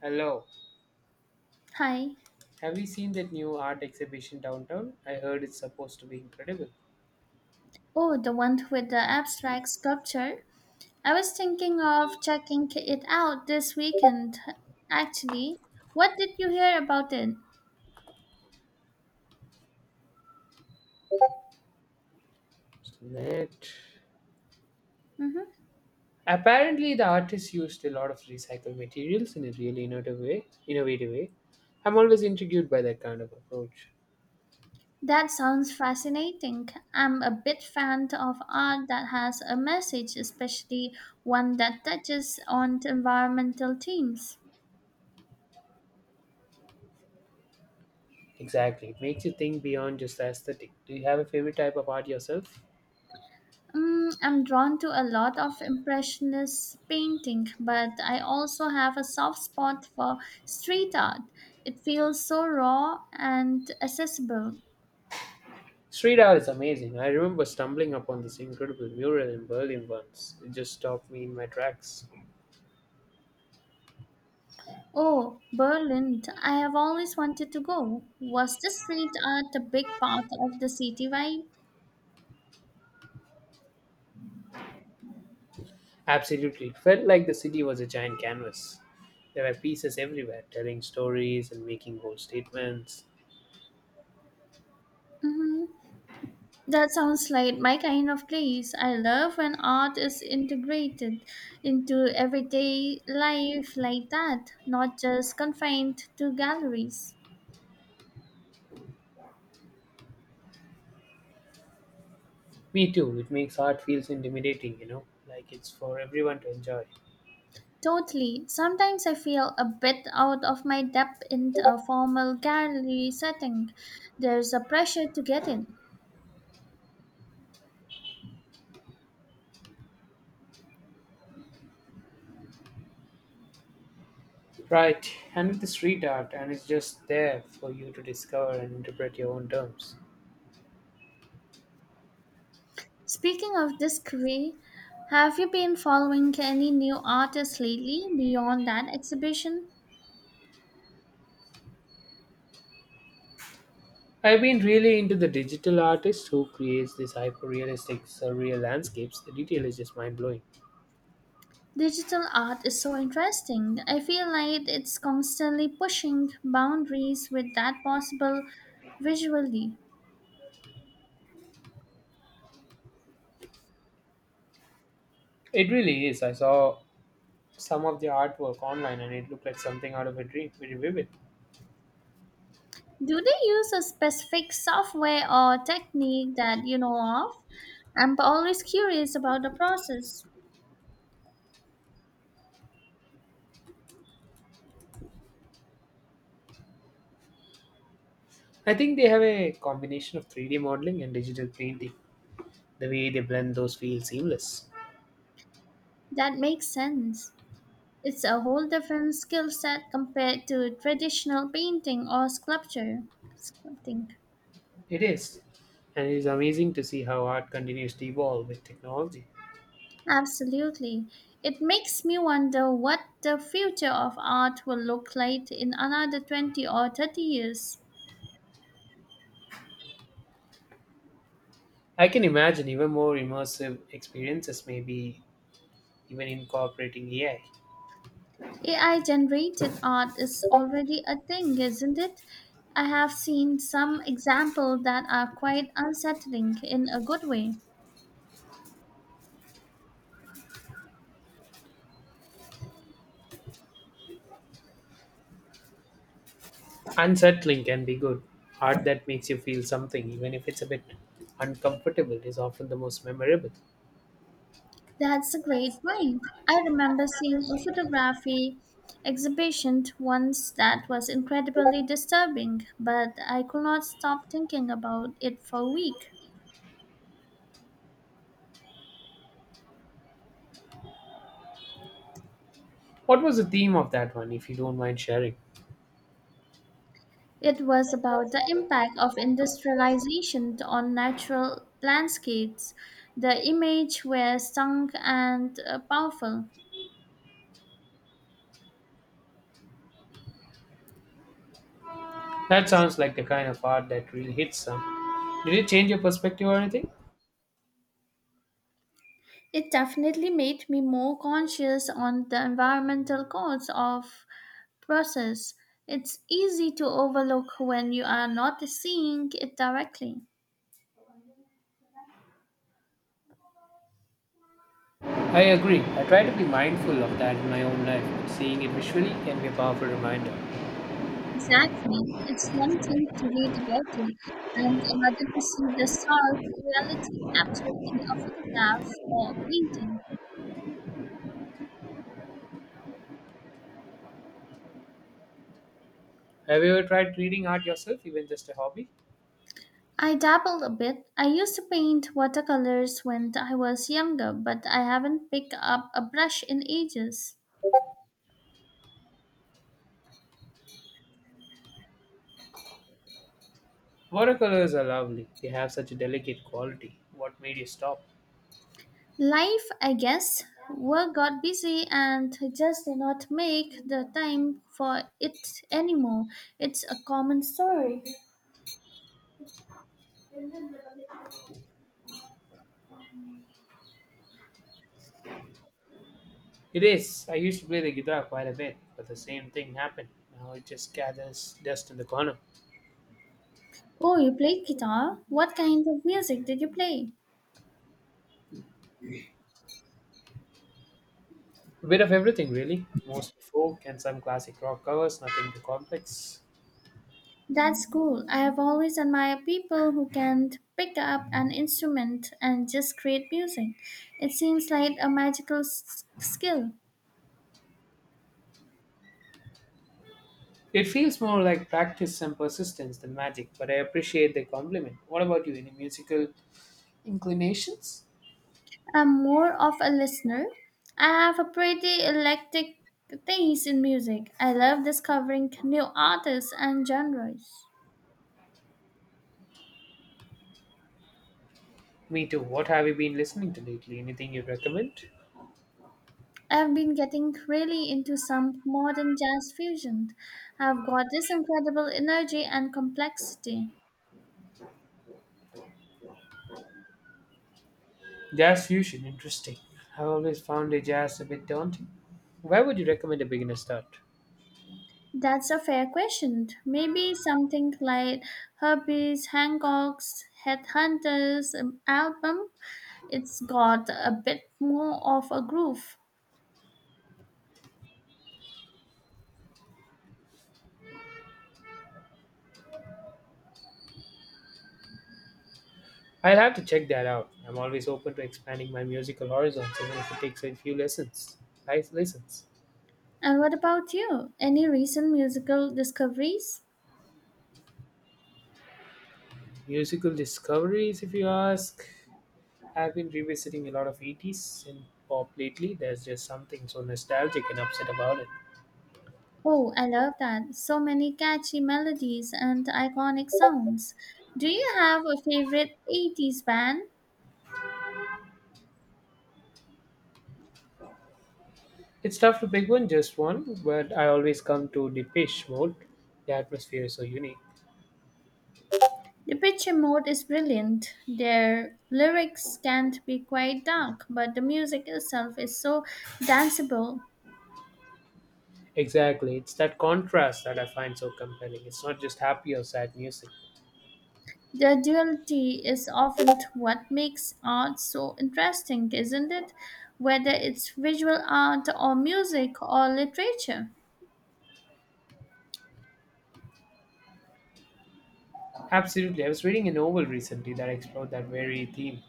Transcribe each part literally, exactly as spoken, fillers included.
Hello. Hi. Have you seen that new art exhibition downtown? I heard it's supposed to be incredible. Oh, the one with the abstract sculpture. I was thinking of checking it out this weekend, actually. What did you hear about it? Let- Hmm. Apparently, the artist used a lot of recycled materials in a really innovative way. Innovative way. I'm always intrigued by that kind of approach. That sounds fascinating. I'm a big fan of art that has a message, especially one that touches on environmental themes. Exactly. It makes you think beyond just the aesthetic. Do you have a favorite type of art yourself? Mm, I'm drawn to a lot of impressionist painting, but I also have a soft spot for street art. It feels so raw and accessible. Street art is amazing. I remember stumbling upon this incredible mural in Berlin once. It just stopped me in my tracks. Oh, Berlin, I have always wanted to go. Was the street art a big part of the city vibe? Absolutely. It felt like the city was a giant canvas. There were pieces everywhere, telling stories and making bold statements. Mm-hmm. That sounds like my kind of place. I love when art is integrated into everyday life like that, not just confined to galleries. Me too. It makes art feels intimidating, you know, like it's for everyone to enjoy. Totally. Sometimes I feel a bit out of my depth in a formal gallery setting. There's a pressure to get in. Right. And with the street art, and it's just there for you to discover and interpret your own terms. Speaking of discovery, have you been following any new artists lately beyond that exhibition? I've been really into the digital artist who creates these hyper-realistic, surreal landscapes. The detail is just mind-blowing. Digital art is so interesting. I feel like it's constantly pushing boundaries with that possible visually. It really is. I saw some of the artwork online, and it looked like something out of a dream. Very vivid. Do they use a specific software or technique that you know of? I'm always curious about the process. I think they have a combination of three D modeling and digital painting. The way they blend those feels seamless. That makes sense. It's a whole different skill set compared to traditional painting or sculpture. Sculpting. It is. And it is amazing to see how art continues to evolve with technology. Absolutely. It makes me wonder what the future of art will look like in another twenty or thirty years. I can imagine even more immersive experiences, maybe even incorporating A I. A I generated art is already a thing, isn't it? I have seen some examples that are quite unsettling in a good way. Unsettling can be good. Art that makes you feel something, even if it's a bit uncomfortable, is often the most memorable. That's a great point. I remember seeing a photography exhibition once that was incredibly disturbing, but I could not stop thinking about it for a week. What was the theme of that one, if you don't mind sharing? It was about the impact of industrialization on natural landscapes. The images were strong and uh, powerful. That sounds like the kind of art that really hits some. Did it change your perspective or anything? It definitely made me more conscious on the environmental costs of process. It's easy to overlook when you are not seeing it directly. I agree. I try to be mindful of that in my own life, and seeing it visually can be a powerful reminder. Exactly. It's one thing to read about it and another to see the stark reality captured in a photograph or painting. Have you ever tried creating art yourself, even just a hobby? I dabbled a bit. I used to paint watercolors when I was younger, but I haven't picked up a brush in ages. Watercolors are lovely. They have such a delicate quality. What made you stop? Life, I guess. Work got busy and just did not make the time for it anymore. It's a common story. It is. I used to play the guitar quite a bit, but the same thing happened. Now it just gathers dust in the corner. Oh, you played guitar? What kind of music did you play? A bit of everything, really. Mostly folk and some classic rock covers, nothing too complex. That's cool. I have always admired people who can pick up an instrument and just create music. It seems like a magical s- skill. It feels more like practice and persistence than magic, but I appreciate the compliment. What about you? Any musical inclinations? I'm more of a listener. I have a pretty eclectic taste in music. I love discovering new artists and genres. Me too. What have you been listening to lately? Anything you recommend? I've been getting really into some modern jazz fusion. I've got this incredible energy and complexity. Jazz fusion, interesting. I've always found a jazz a bit daunting. Where would you recommend a beginner start? That's a fair question. Maybe something like Herbie's Hancock's Headhunters um, album. It's got a bit more of a groove. I'll have to check that out. I'm always open to expanding my musical horizons, even if it takes a few lessons. Nice lessons. And what about you? Any recent musical discoveries? Musical discoveries, if you ask. I've been revisiting a lot of eighties and pop lately. There's just something so nostalgic and upset about it. Oh, I love that. So many catchy melodies and iconic sounds. Do you have a favorite eighties band? It's tough to pick one, just one, but I always come to the Depeche Mode. The atmosphere is so unique. The picture mode is brilliant. Their lyrics can't be quite dark, but the music itself is so danceable. Exactly, it's that contrast that I find so compelling. It's not just happy or sad music. The duality is often what makes art so interesting, isn't it? Whether it's visual art or music or literature. Absolutely, I was reading a novel recently that explored that very theme.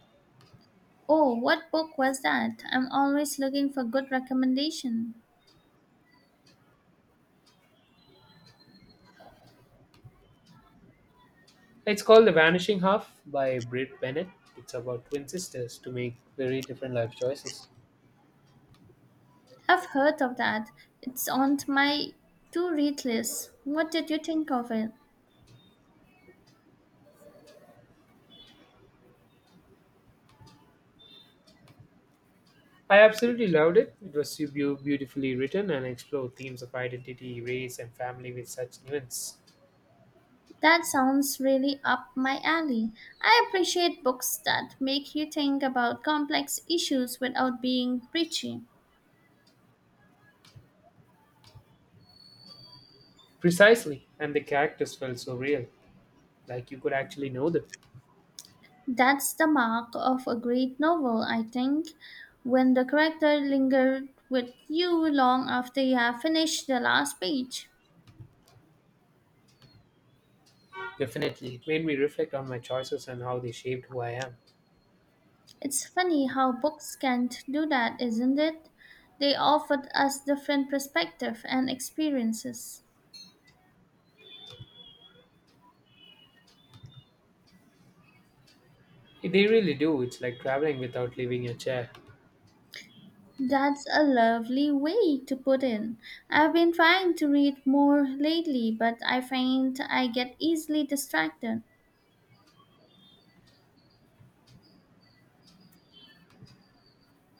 Oh, what book was that? I'm always looking for good recommendation. It's called The Vanishing Half by Britt Bennett. It's about twin sisters to make very different life choices. I've heard of that. It's on my to-read list. What did you think of it? I absolutely loved it. It was so beau- beautifully written and explored themes of identity, race, and family with such nuance. That sounds really up my alley. I appreciate books that make you think about complex issues without being preachy. Precisely, and the characters felt so real, like you could actually know them. That's the mark of a great novel, I think, when the character lingered with you long after you have finished the last page. Definitely, it made me reflect on my choices and how they shaped who I am. It's funny how books can do that, isn't it? They offered us different perspectives and experiences. They really do. It's like traveling without leaving your chair. That's a lovely way to put in. I've been trying to read more lately, but I find I get easily distracted.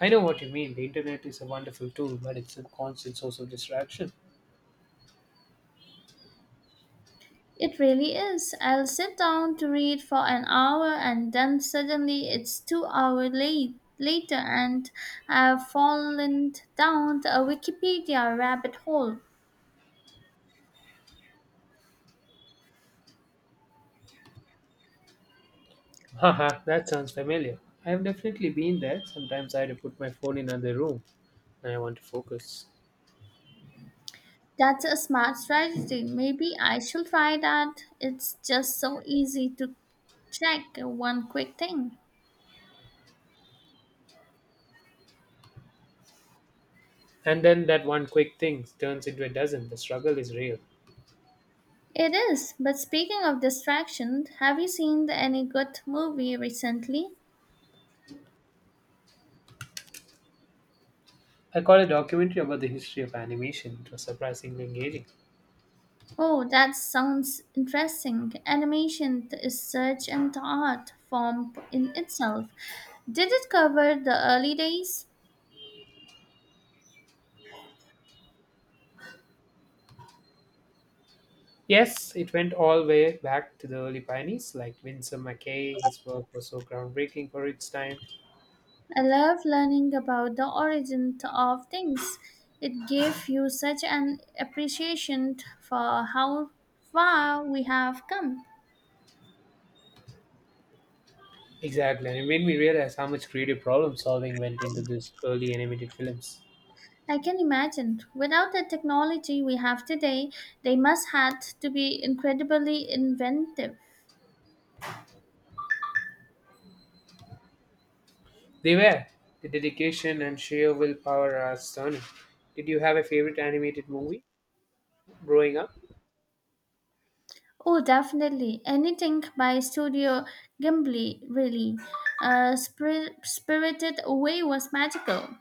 I know what you mean. The internet is a wonderful tool, but it's a constant source of distraction. It really is. I'll sit down to read for an hour and then suddenly it's two hours late later and I've fallen down a Wikipedia rabbit hole. Haha, that sounds familiar. I have definitely been there. Sometimes I had to put my phone in another room when I want to focus. That's a smart strategy. Maybe I shall try that. It's just so easy to check one quick thing. And then that one quick thing turns into a dozen. The struggle is real. It is, but speaking of distraction, have you seen any good movie recently? I caught a documentary about the history of animation. It was surprisingly engaging. Oh, that sounds interesting. Animation is such an art form in itself. Did it cover the early days? Yes, it went all the way back to the early pioneers like Winsor McKay. His work was so groundbreaking for its time. I love learning about the origin of things. It gave you such an appreciation for how far we have come. Exactly, and it made me realize how much creative problem solving went into these early animated films. I can imagine. Without the technology we have today, they must had to be incredibly inventive. They were. The dedication and sheer willpower are stunning. Did you have a favorite animated movie growing up? Oh, definitely. Anything by Studio Ghibli, really. Uh, Spir- Spirited Away was magical.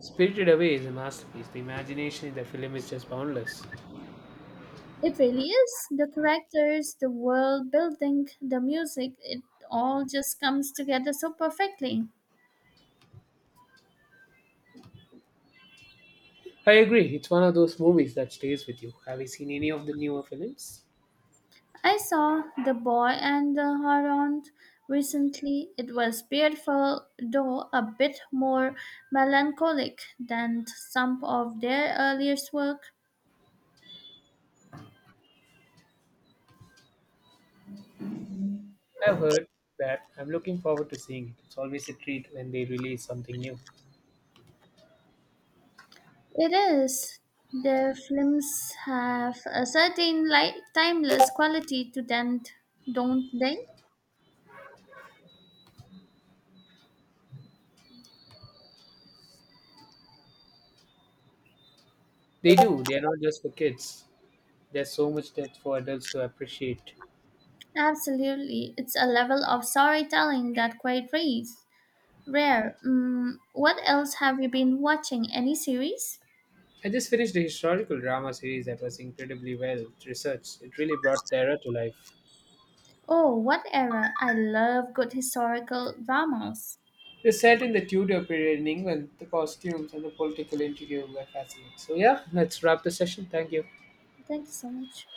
Spirited Away is a masterpiece. The imagination in the film is just boundless. It really is. The characters, the world building, the music, it all just comes together so perfectly. I agree, it's one of those movies that stays with you. Have you seen any of the newer films? I saw The Boy and the Heron recently. It was beautiful, though a bit more melancholic than some of their earliest work. I've heard that. I'm looking forward to seeing it. It's always a treat when they release something new. It is. Their films have a certain light, timeless quality to them, don't they? They do. They are not just for kids. There's so much depth for adults to appreciate. Absolutely, it's a level of storytelling that quite rare. Rare. Mm, what else have you been watching? Any series? I just finished a historical drama series that was incredibly well researched. It really brought the era to life. Oh, what era? I love good historical dramas. It was set in the Tudor period in England. The costumes and the political intrigue were fascinating. So yeah, let's wrap the session. Thank you. Thank you so much.